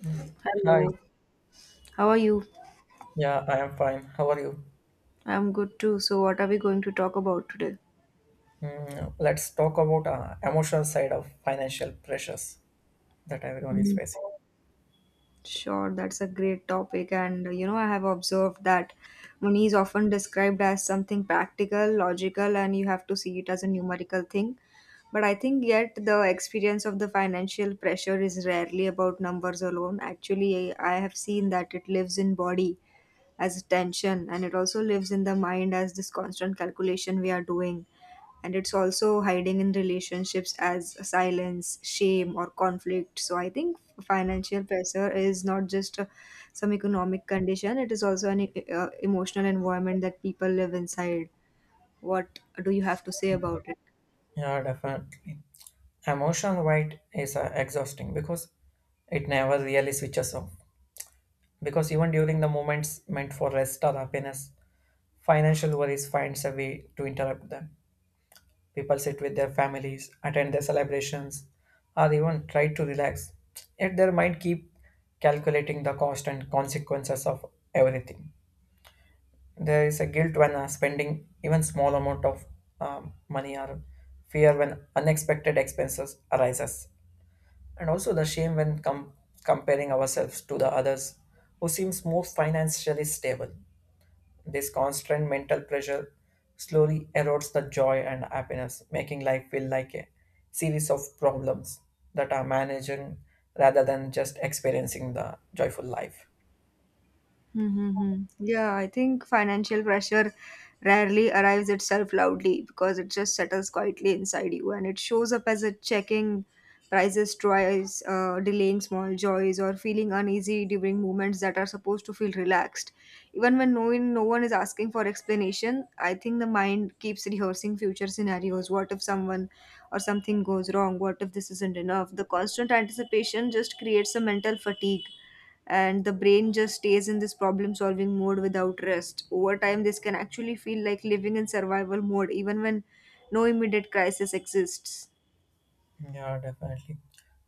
Yeah. Hi, Hello, how are you? yeah, I am fine. How are you? I'm good too. So, what are we going to talk about today? Let's talk about emotional side of financial pressures that everyone is Mhm. facing. Sure, that's a great topic. And I have observed that money is often described as something practical, logical, and you have to see it as a numerical thing. But I think yet the experience of the financial pressure is rarely about numbers alone. Actually, I have seen that it lives in body as tension, and it also lives in the mind as this constant calculation we are doing, and it's also hiding in relationships as silence, shame, or conflict. So I think financial pressure is not just some economic condition. It is also an emotional environment that people live inside. What do you have to say about it? Yeah, definitely. Emotional weight is exhausting because it never really switches off. Because even during the moments meant for rest or happiness, financial worries finds a way to interrupt them. People sit with their families, attend their celebrations, or even try to relax. Yet their mind keep calculating the cost and consequences of everything. There is a guilt when spending even small amount of money or fear when unexpected expenses arises. And also the shame when comparing ourselves to the others who seems more financially stable. This constant mental pressure slowly erodes the joy and happiness, making life feel like a series of problems that are managing rather than just experiencing the joyful life. Mm-hmm. Yeah, I think financial pressure rarely arrives itself loudly because it just settles quietly inside you, and it shows up as a checking prices twice, delaying small joys, or feeling uneasy during moments that are supposed to feel relaxed. Even when no one is asking for explanation, I think the mind keeps rehearsing future scenarios. What if someone or something goes wrong? What if this isn't enough? The constant anticipation just creates a mental fatigue, and the brain just stays in this problem solving mode without rest. Over time, this can actually feel like living in survival mode, even when no immediate crisis exists. Yeah, definitely.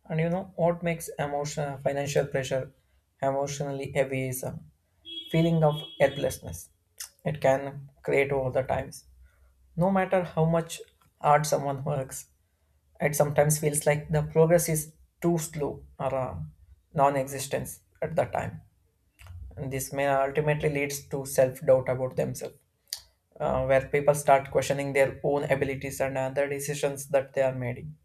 And you know what makes emotional financial pressure emotionally heavy is a feeling of helplessness. It can create over the times. No matter how much hard someone works, it sometimes feels like the progress is too slow or non existence at the time. And this may ultimately leads to self doubt about themselves, where people start questioning their own abilities and other decisions that they are making.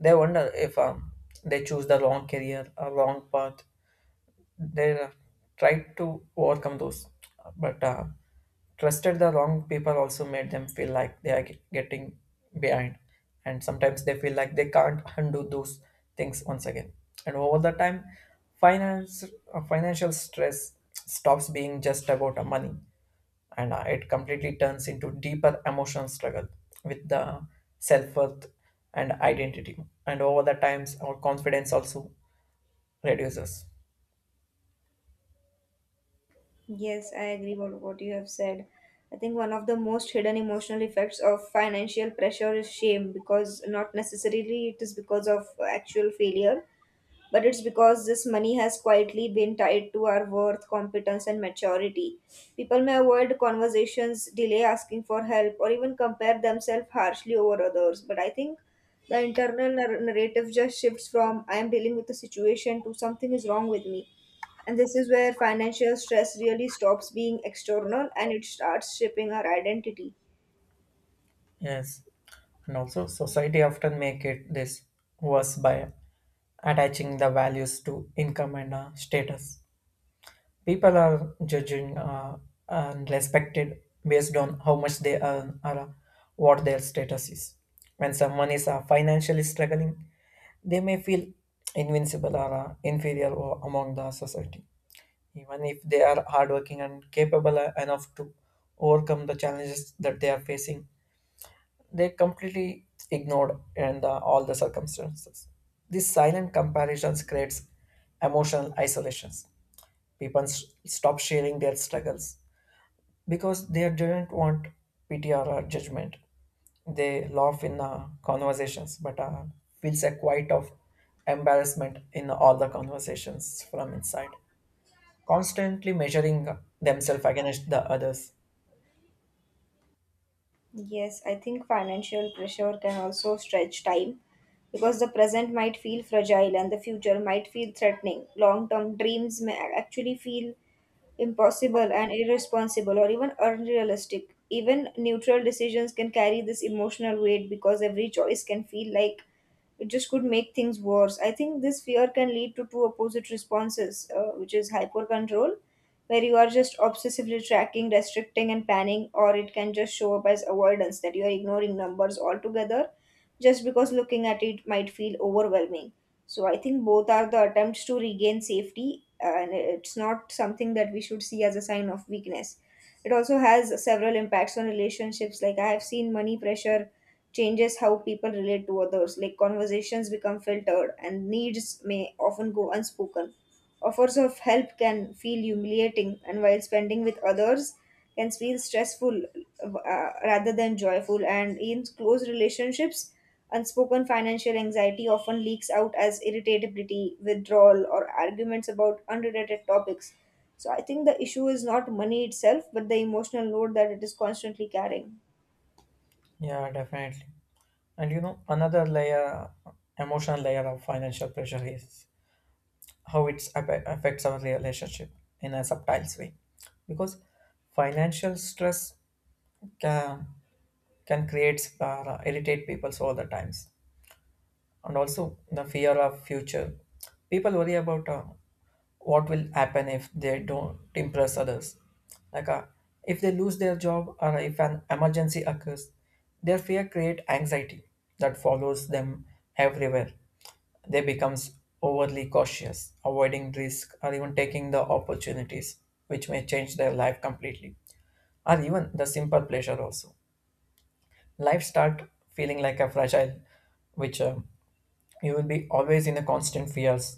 They wonder if they choose the wrong career or wrong path, they tried to overcome those, but trusted the wrong people also made them feel like they are getting behind, and sometimes they feel like they can't undo those things once again. And over the time, finance financial stress stops being just about money, and it completely turns into deeper emotional struggle with the self-worth and identity. And over the times our confidence also reduces. Yes, I agree with what you have said. I think one of the most hidden emotional effects of financial pressure is shame, because not necessarily it is because of actual failure, but it's because this money has quietly been tied to our worth, competence, and maturity. People may avoid conversations, delay asking for help, or even compare themselves harshly over others. But I think the internal narrative just shifts from I am dealing with a situation to something is wrong with me. And this is where financial stress really stops being external and it starts shaping our identity. Yes, and also society often make it this worse by attaching the values to income and status. People are judging and respected based on how much they earn or what their status is. When someone is financially struggling, they may feel invincible or inferior among the society, even if they are hardworking and capable enough to overcome the challenges that they are facing. They completely ignored and all the circumstances. These silent comparisons creates emotional isolations. People stop sharing their struggles because they didn't want pity or judgment. They laugh in conversations, but feels a quiet of embarrassment in all the conversations from inside, constantly measuring themselves against the others. Yes, I think financial pressure can also stretch time, because the present might feel fragile and the future might feel threatening. Long term dreams may actually feel impossible and irresponsible or even unrealistic. Even neutral decisions can carry this emotional weight, because every choice can feel like it just could make things worse. I think this fear can lead to two opposite responses, which is hyper control where you are just obsessively tracking, restricting, and planning, or it can just show up as avoidance that you are ignoring numbers altogether just because looking at it might feel overwhelming. So I think both are the attempts to regain safety, and it's not something that we should see as a sign of weakness. It also has several impacts on relationships. Like I have seen money pressure changes how people relate to others, like conversations become filtered and needs may often go unspoken. Offers of help can feel humiliating, and while spending with others can feel stressful rather than joyful. And in close relationships, unspoken financial anxiety often leaks out as irritability, withdrawal, or arguments about unrelated topics. So I think the issue is not money itself, but the emotional load that it is constantly carrying. Yeah, definitely. And you know, another layer, emotional layer of financial pressure is how it affects our relationship in a subtle way. Because financial stress can, can create, irritate people all the times, and also the fear of future. People worry about what will happen if they don't impress others. Like if they lose their job or if an emergency occurs, their fear create anxiety that follows them everywhere. They becomes overly cautious, avoiding risk or even taking the opportunities which may change their life completely, or even the simple pleasure also life start feeling like a fragile which you will be always in the constant fears,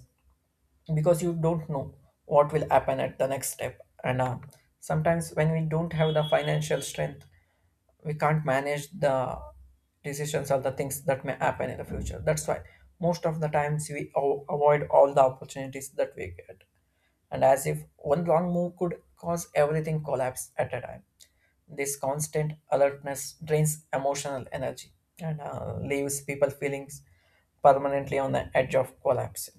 because you don't know what will happen at the next step. And sometimes when we don't have the financial strength we can't manage the decisions or the things that may happen in the future. That's why most of the times we avoid all the opportunities that we get, and as if one wrong move could cause everything collapse at a time. This constant alertness drains emotional energy and leaves people feelings permanently on the edge of collapse.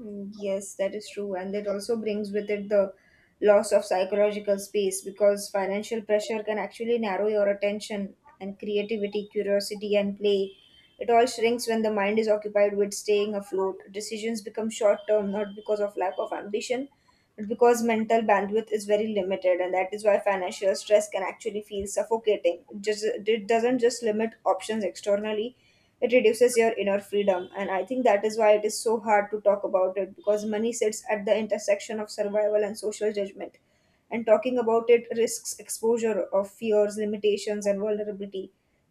Mm, yes, that is true. And it also brings with it the loss of psychological space, because financial pressure can actually narrow your attention and creativity, curiosity, and play. It all shrinks when the mind is occupied with staying afloat. Decisions become short term, not because of lack of ambition, but because mental bandwidth is very limited. And that is why financial stress can actually feel suffocating. It doesn't just limit options externally, it reduces your inner freedom. And I think that is why it is so hard to talk about it, because money sits at the intersection of survival and social judgment, and talking about it risks exposure of fears, limitations, and vulnerability.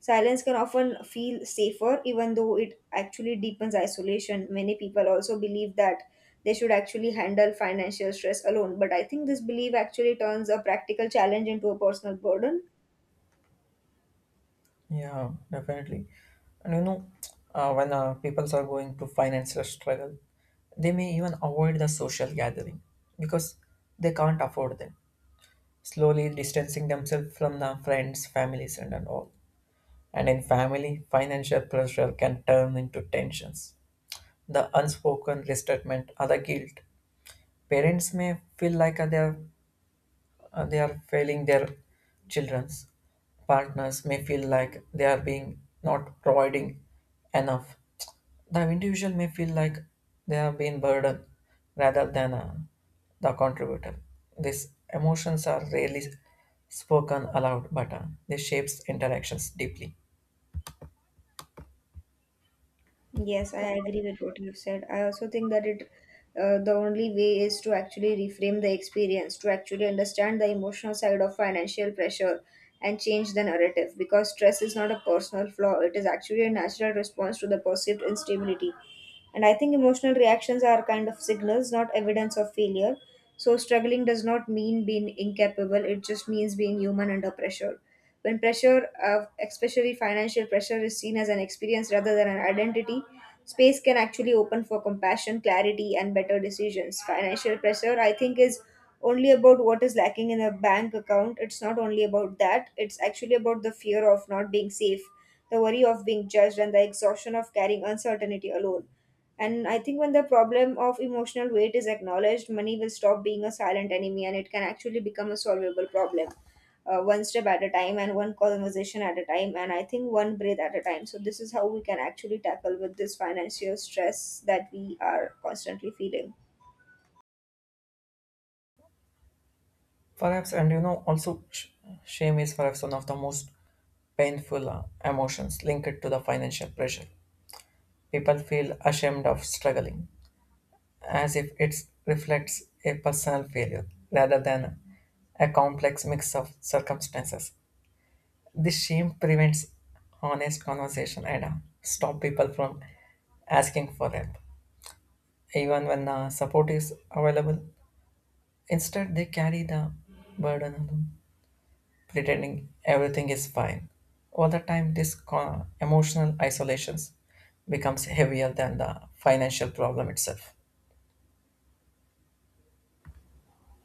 Silence can often feel safer, even though it actually deepens isolation. Many people also believe that they should actually handle financial stress alone, but I think this belief actually turns a practical challenge into a personal burden. Yeah, definitely. And you know, when people are going to financial struggle, they may even avoid the social gathering because they can't afford them, slowly distancing themselves from the friends, families, and all. And in family, financial pressure can turn into tensions. The unspoken resentment or the guilt. Parents may feel like they are failing their children's. Partners may feel like they are being not providing enough. The individual may feel like they have been burdened rather than the contributor. These emotions are rarely spoken aloud, but they shapes interactions deeply. Yes, I agree with what you've said. I also think that it the only way is to actually reframe the experience, to actually understand the emotional side of financial pressure and change the narrative, because stress is not a personal flaw, it is actually a natural response to the perceived instability. And I think emotional reactions are kind of signals, not evidence of failure. So struggling does not mean being incapable, it just means being human under pressure. When pressure, especially financial pressure, is seen as an experience rather than an identity, space can actually open for compassion, clarity, and better decisions. Financial pressure, I think, is only about what is lacking in a bank account. It's not only about that, it's actually about the fear of not being safe, the worry of being judged, and the exhaustion of carrying uncertainty alone. And I think when the problem of emotional weight is acknowledged, money will stop being a silent enemy and it can actually become a solvable problem, one step at a time and one conversation at a time. And I think one breath at a time. So, this is how we can actually tackle with this financial stress that we are constantly feeling. Perhaps, and you know, also shame is perhaps one of the most painful emotions linked to the financial pressure. People feel ashamed of struggling, as if it reflects a personal failure rather than a complex mix of circumstances. This shame prevents honest conversation and stop people from asking for help, even when support is available. Instead, they carry the burden alone, pretending everything is fine. All the time, this emotional isolations becomes heavier than the financial problem itself.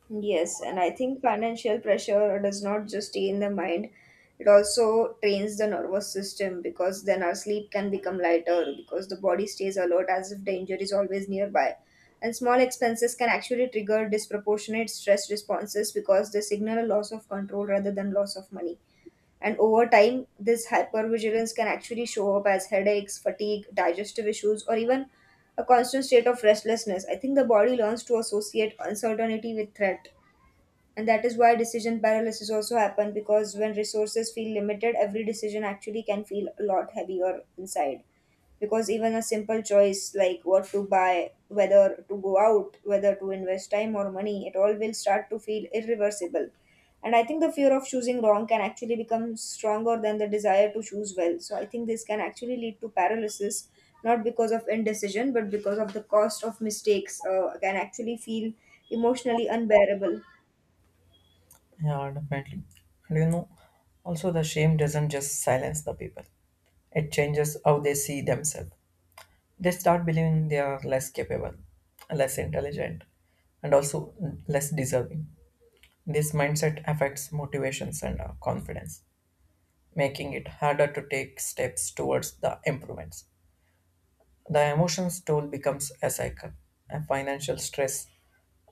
Yes, and I think financial pressure does not just stay in the mind, it also trains the nervous system, because then our sleep can become lighter because the body stays alert as if danger is always nearby. And small expenses can actually trigger disproportionate stress responses, because they signal a loss of control rather than loss of money. And over time, this hypervigilance can actually show up as headaches, fatigue, digestive issues, or even a constant state of restlessness. I think the body learns to associate uncertainty with threat, and that is why decision paralysis also happen, because when resources feel limited, every decision actually can feel a lot heavier inside, because even a simple choice like what to buy, whether to go out, whether to invest time or money, it all will start to feel irreversible. And I think the fear of choosing wrong can actually become stronger than the desire to choose well. So I think this can actually lead to paralysis, not because of indecision, but because of the cost of mistakes can actually feel emotionally unbearable. Yeah, definitely. And you know, also the shame doesn't just silence the people. It changes how they see themselves. They start believing they are less capable, less intelligent, and also less deserving. This mindset affects motivations and confidence, making it harder to take steps towards the improvements. The emotions toll becomes a cycle, and financial stress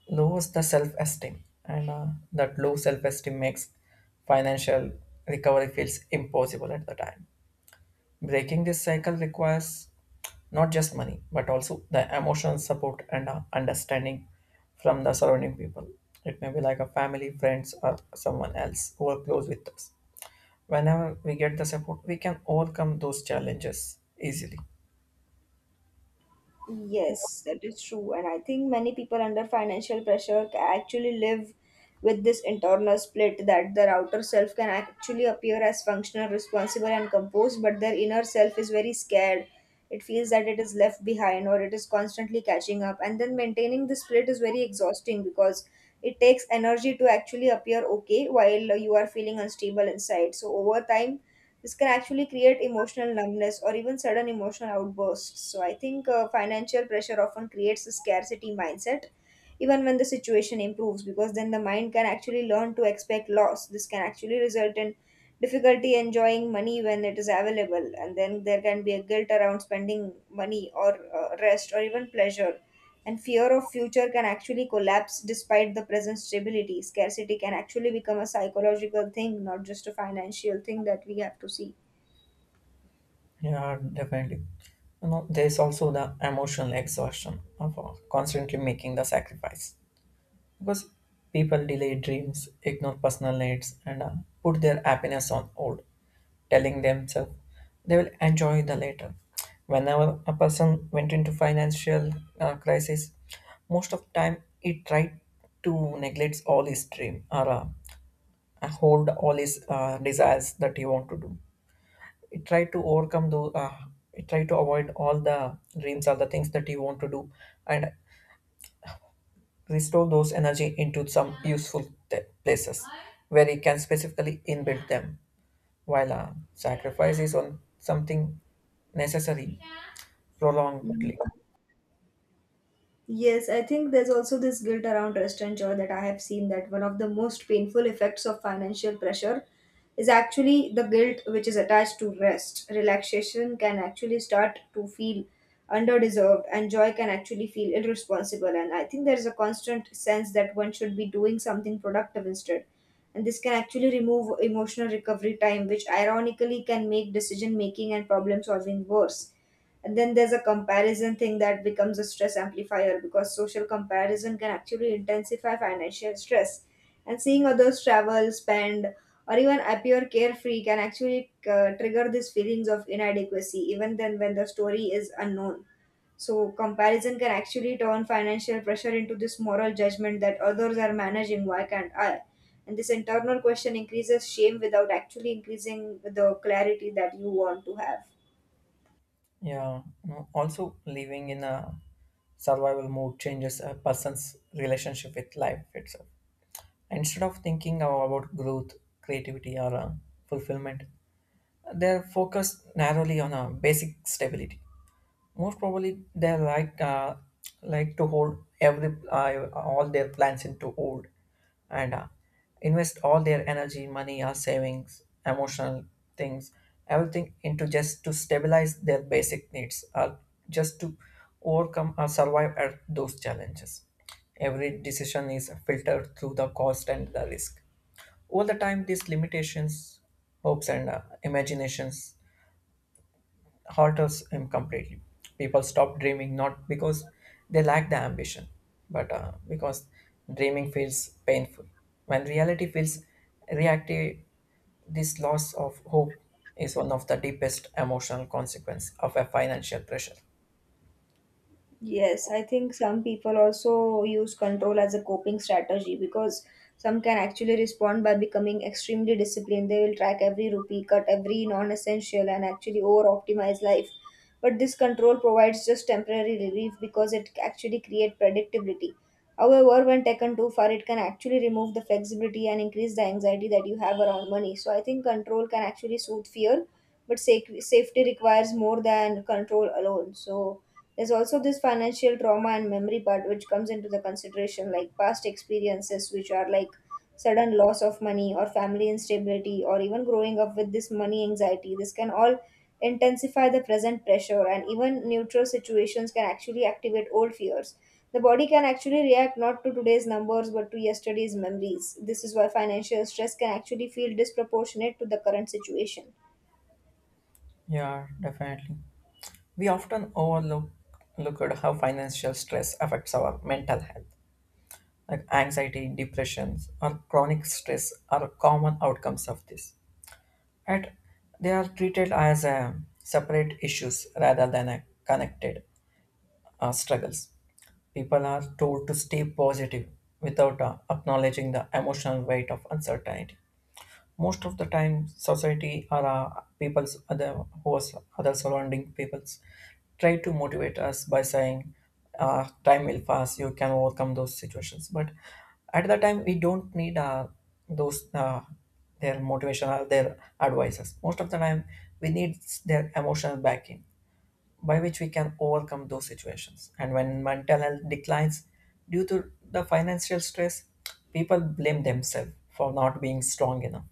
lowers the self-esteem, and that low self-esteem makes financial recovery feels impossible at the time. Breaking this cycle requires not just money, but also the emotional support and understanding from the surrounding people. It may be like a family, friends, or someone else who are close with us. Whenever we get the support, we can overcome those challenges easily. Yes, that is true. And I think many people under financial pressure actually live with this internal split, that their outer self can actually appear as functional, responsible, and composed, but their inner self is very scared. It feels that it is left behind or it is constantly catching up. And then maintaining the split is very exhausting, because it takes energy to actually appear okay while you are feeling unstable inside. So over time, this can actually create emotional numbness or even sudden emotional outbursts. So I think financial pressure often creates a scarcity mindset, even when the situation improves, because then the mind can actually learn to expect loss. This can actually result in difficulty enjoying money when it is available, and then there can be a guilt around spending money or rest or even pleasure. And fear of future can actually collapse despite the present stability. Scarcity can actually become a psychological thing, not just a financial thing that we have to see. Yeah, definitely. You know, there's also the emotional exhaustion of constantly making the sacrifice, because people delay dreams, ignore personal needs, and put their happiness on hold, telling themselves they will enjoy the later. Whenever a person went into financial crisis, most of time he tried to neglect all his dream or hold all his desires that he want to do it, try to overcome those, it try to avoid all the dreams, all the things that you want to do, and restore those energy into some useful places where you can specifically inbuild them, while sacrifice is on something necessary Mm, prolongedly. yes, I think there's also this guilt around rest and joy, that I have seen that one of the most painful effects of financial pressure is actually the guilt which is attached to rest. Relaxation can actually start to feel underdeserved, and joy can actually feel irresponsible. And I think there's a constant sense that one should be doing something productive instead. And this can actually remove emotional recovery time, which ironically can make decision making and problem solving worse. And then there's a comparison thing that becomes a stress amplifier, because social comparison can actually intensify financial stress. And seeing others travel, spend, or even appear carefree can actually trigger these feelings of inadequacy, even then when the story is unknown. So, comparison can actually turn financial pressure into this moral judgment that others are managing, why can't I? And this internal question increases shame without actually increasing the clarity that you want to have. Yeah, no, also living in a survival mode changes a person's relationship with life itself. Instead of thinking about growth, creativity or fulfillment, they're focused narrowly on a basic stability. Most probably, they like to hold every all their plans into hold, and invest all their energy, money, or savings, emotional things, everything into just to stabilize their basic needs or just to overcome or survive at those challenges. Every decision is filtered through the cost and the risk. All the time, these limitations, hopes, and imaginations halters him completely. People stop dreaming not because they lack the ambition, but because dreaming feels painful. When reality feels reactive, this loss of hope is one of the deepest emotional consequence of a financial pressure. Yes, I think some people also use control as a coping strategy, because some can actually respond by becoming extremely disciplined. They will track every rupee, cut every non essential, and actually over optimize life. But this control provides just temporary relief because it actually creates predictability. However, when taken too far, it can actually remove the flexibility and increase the anxiety that you have around money. So I think control can actually soothe fear, but safety requires more than control alone. So there's also this financial trauma and memory part which comes into the consideration, like past experiences, which are like sudden loss of money or family instability, or even growing up with this money anxiety. This can all intensify the present pressure, and even neutral situations can actually activate old fears. The body can actually react not to today's numbers but to yesterday's memories. This is why financial stress can actually feel disproportionate to the current situation. Yeah, definitely. We often overlook look at how financial stress affects our mental health. Like anxiety, depressions, or chronic stress are common outcomes of this. At, they are treated as separate issues rather than a connected struggles. People are told to stay positive without acknowledging the emotional weight of uncertainty. Most of the time society or people's other who was other surrounding peoples try to motivate us by saying time will pass, you can overcome those situations, but at the time we don't need those their motivation or their advices. Most of the time we need their emotional backing, by which we can overcome those situations. And when mental health declines due to the financial stress, people blame themselves for not being strong enough,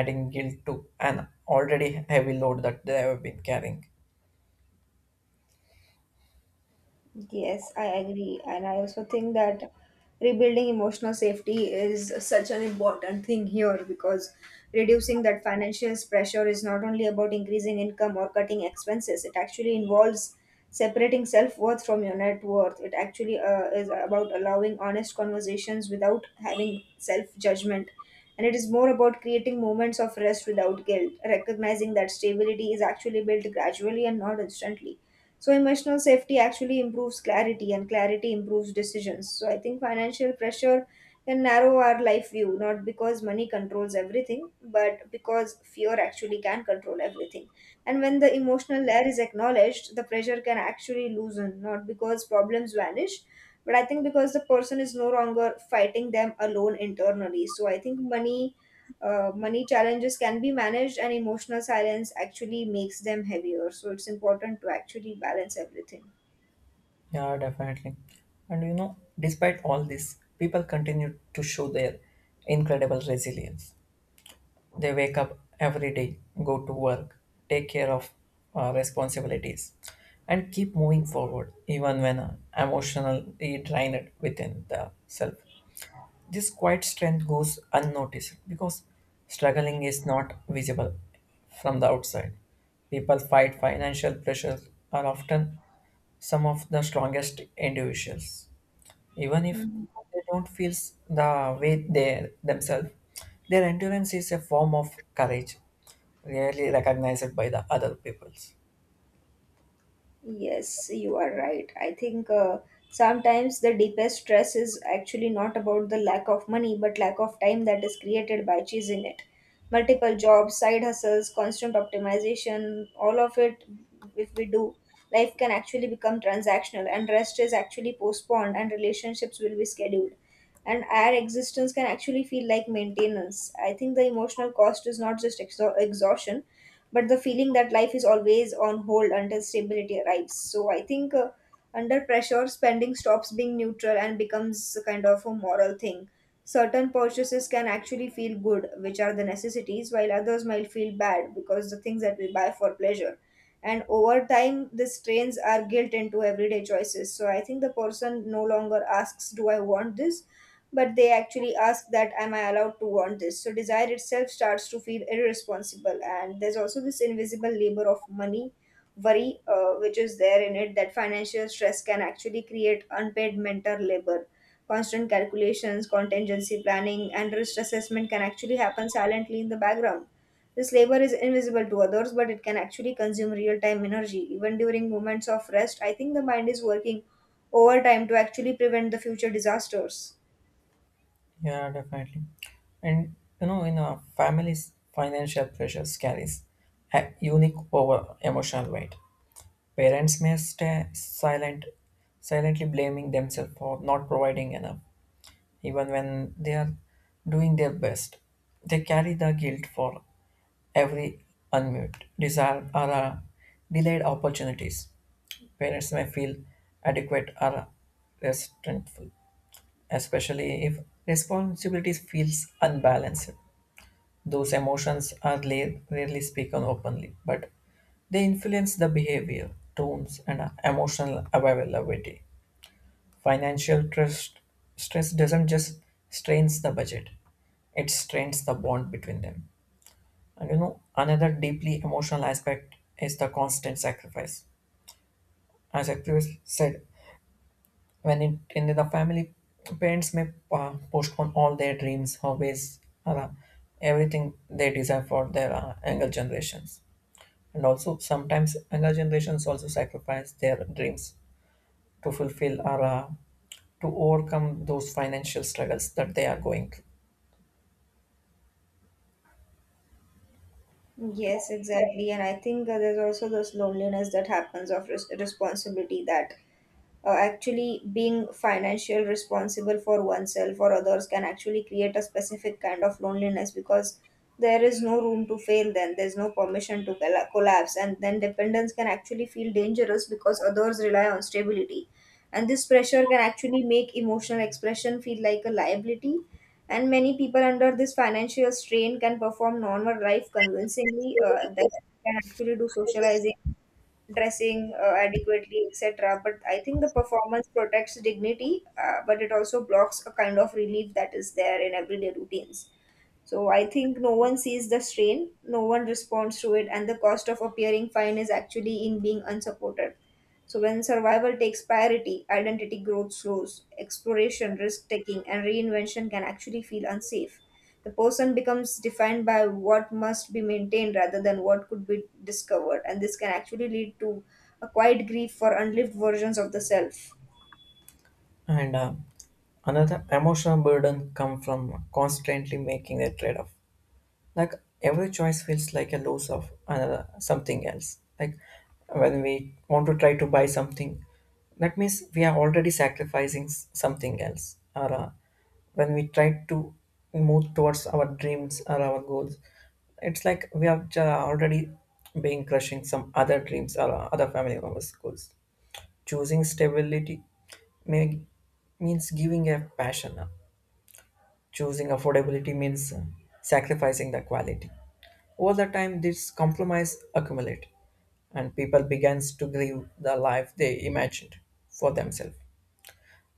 adding guilt to an already heavy load that they have been carrying. Yes, I agree. And I also think that rebuilding emotional safety is such an important thing here because reducing that financial pressure is not only about increasing income or cutting expenses, it actually involves separating self worth from your net worth. It actually is about allowing honest conversations without having self judgment. And it is more about creating moments of rest without guilt, recognizing that stability is actually built gradually and not instantly, so emotional safety actually improves clarity, and clarity improves decisions. So I think financial pressure can narrow our life view, not because money controls everything, but because fear actually can control everything. And when the emotional layer is acknowledged, the pressure can actually loosen, not because problems vanish, but I think because the person is no longer fighting them alone internally. So I think money challenges can be managed and emotional silence actually makes them heavier, so it's important to actually balance everything. Yeah, definitely. And you know, despite all this, people continue to show their incredible resilience. They wake up every day, go to work, take care of responsibilities, and keep moving forward, even when emotionally drained within the self. This quiet strength goes unnoticed because struggling is not visible from the outside. People fight financial pressures are often some of the strongest individuals. Even if Mhm. they don't feel the way they themselves, their endurance is a form of courage, rarely recognized by the other peoples. Yes, you are right. I think sometimes the deepest stress is actually not about the lack of money, but lack of time that is created by chasing it. Multiple jobs, side hustles, constant optimization, all of it, if we do, life can actually become transactional and rest is actually postponed and relationships will be scheduled. And our existence can actually feel like maintenance. I think the emotional cost is not just exhaustion, but the feeling that life is always on hold until stability arrives. So I think under pressure, spending stops being neutral and becomes a kind of a moral thing. Certain purchases can actually feel good, which are the necessities, while others might feel bad because the things that we buy for pleasure. And over time, these strains are guilt into everyday choices. So I think the person no longer asks, "Do I want this?" but they actually ask that, "Am I allowed to want this?" So desire itself starts to feel irresponsible. And there's also this invisible labor of money worry, which is there in it, that financial stress can actually create unpaid mentor labor. Constant calculations, contingency planning, and risk assessment can actually happen silently in the background. This labor is invisible to others, but it can actually consume real time energy even during moments of rest. I think the mind is working overtime to actually prevent the future disasters. Yeah, definitely. And you know, in a family's financial pressures carries a unique over emotional weight. Parents may stay silent, silently blaming themselves for not providing enough, even when they are doing their best. They carry the guilt for every unmute desire or delayed opportunities. Parents may feel adequate or resentful, especially if responsibilities feels unbalanced. Those emotions are rarely spoken openly, but they influence the behavior, tones, and emotional availability. Financial trust, stress doesn't just strains the budget, it strains the bond between them. And you know, another deeply emotional aspect is the constant sacrifice. As I previously said, when in the family, parents may postpone all their dreams, hobbies, or, everything they desire for their younger generations. And also sometimes younger generations also sacrifice their dreams to fulfill or to overcome those financial struggles that they are going through. Yes, exactly. And I think there's also this loneliness that happens of responsibility, that actually being financial responsible for oneself or others can actually create a specific kind of loneliness, because there is no room to fail, then there's no permission to collapse, and then dependence can actually feel dangerous because others rely on stability. And this pressure can actually make emotional expression feel like a liability. And many people under this financial strain can perform normal life convincingly, that can actually do socializing, dressing adequately, etc. But I think the performance protects dignity, but it also blocks a kind of relief that is there in everyday routines. So I think no one sees the strain, no one responds to it, and the cost of appearing fine is actually in being unsupported. So when survival takes priority, identity growth slows, exploration, risk taking, and reinvention can actually feel unsafe. The person becomes defined by what must be maintained rather than what could be discovered, and this can actually lead to a quiet grief for unlived versions of the self. And another emotional burden come from constantly making a trade-off, like every choice feels like a loss of another something else. Like when we want to try to buy something, that means we are already sacrificing something else, or when we try to move towards our dreams or our goals, it's like we are already being crushing some other dreams or other family members goals. Choosing stability may, means giving a passion. Choosing affordability means sacrificing the quality. Over the time, this compromise accumulated, and people begins to grieve the life they imagined for themselves.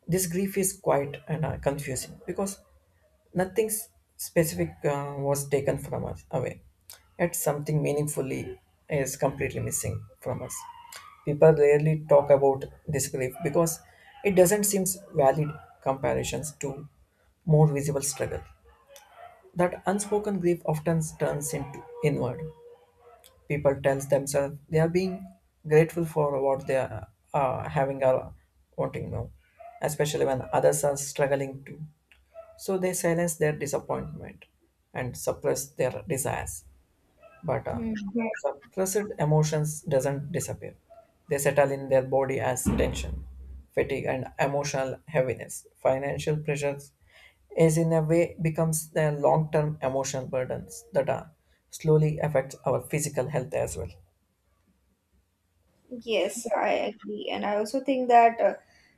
This grief is quite and confusing because nothing s- specific was taken from us away, yet something meaningfully is completely missing from us. People rarely talk about this grief because it doesn't seem valid comparisons to more visible struggle. That unspoken grief often turns into inward. People tell themselves they are being grateful for what they are having or wanting now, especially when others are struggling too. So they silence their disappointment and suppress their desires, but Hmm. yeah, suppressed emotions doesn't disappear. They settle in their body as tension, fatigue and emotional heaviness. Financial pressures is in a way becomes their long-term emotional burdens that are slowly affects our physical health as well. Yes, I agree. And I also think that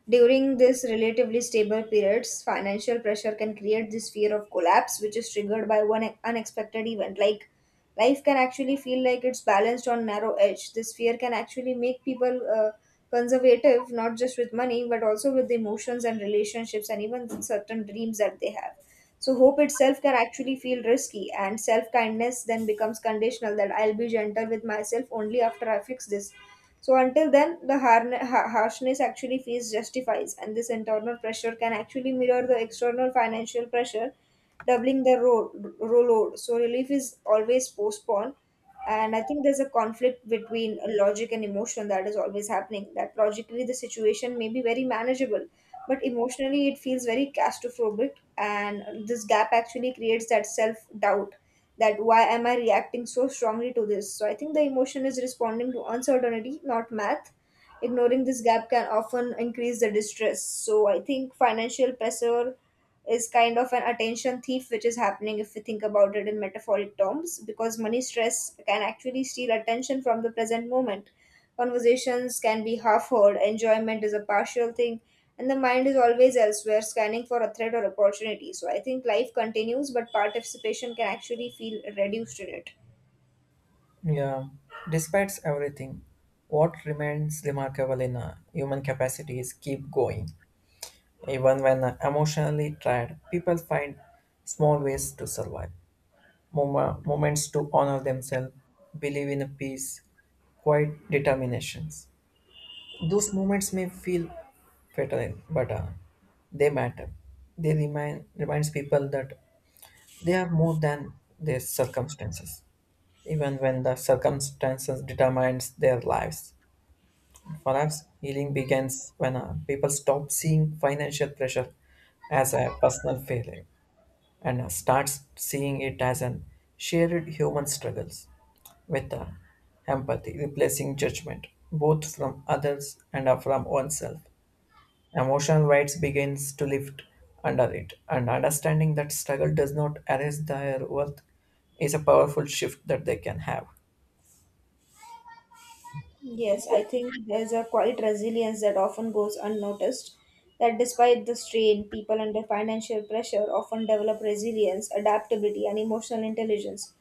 during this relatively stable periods, financial pressure can create this fear of collapse, which is triggered by one unexpected event. Like, life can actually feel like it's balanced on narrow edge. This fear can actually make people conservative, not just with money, but also with the emotions and relationships and even certain dreams that they have. So hope itself can actually feel risky, and self kindness then becomes conditional, that I'll be gentle with myself only after I fix this. So until then, the harshness actually feels justifies, and this internal pressure can actually mirror the external financial pressure, doubling the load. So relief is always postponed, and I think there's a conflict between logic and emotion that is always happening. That logically the situation may be very manageable, but emotionally it feels very claustrophobic, and this gap actually creates that self doubt, that why am I reacting so strongly to this? So I think the emotion is responding to uncertainty, not math. Ignoring this gap can often increase the distress. So I think financial pressure is kind of an attention thief, which is happening if we think about it in metaphoric terms, because money stress can actually steal attention from the present moment. Conversations can be half heard, enjoyment is a partial thing, and the mind is always elsewhere, scanning for a threat or opportunity. So I think life continues, but participation can actually feel reduced in it. Yeah, despite everything what remains remarkable in a human capacity is keep going. Even when emotionally tired, people find small ways to survive, moments to honor themselves, believe in a peace, quiet determinations. Those moments may feel fatal, but they matter. They remind Reminds people that they are more than their circumstances, even when the circumstances determines their lives. Perhaps healing begins when people stop seeing financial pressure as a personal failure and starts seeing it as an shared human struggles, with the empathy, replacing judgment, both from others and from oneself. Emotional weight begins to lift under it, and understanding that struggle does not erase their worth is a powerful shift that they can have. Yes, I think there's a quiet resilience that often goes unnoticed. That despite the strain, people under financial pressure often develop resilience, adaptability, and emotional intelligence.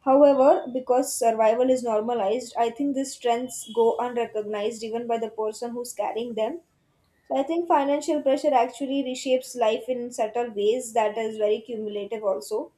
However, because survival is normalized, I think these strengths go unrecognized even by the person who's carrying them. So I think financial pressure actually reshapes life in subtle ways that is very cumulative also,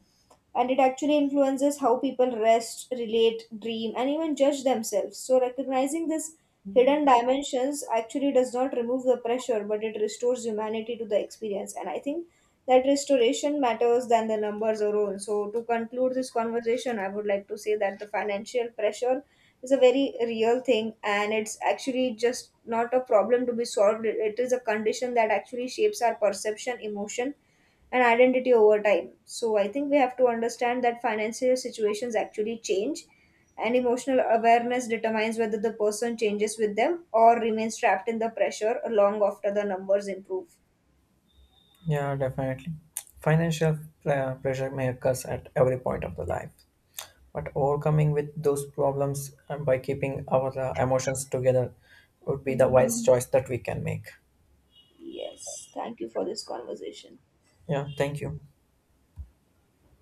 and it actually influences how people rest, relate, dream, and even judge themselves. So, recognizing this hidden dimensions actually does not remove the pressure, but it restores humanity to the experience. And I think that restoration matters than the numbers alone. So, to conclude this conversation, I would like to say that the financial pressure is a very real thing, and it's actually just not a problem to be solved, it is a condition that actually shapes our perception, emotion, and identity over time. So I think we have to understand that financial situations actually change, and emotional awareness determines whether the person changes with them or remains trapped in the pressure long after the numbers improve. Yeah, definitely. Financial pressure may occur at every point of the life, but overcoming with those problems and by keeping our emotions together would be the Mhm. wise choice that we can make. Yes, thank you for this conversation. Yeah, thank you.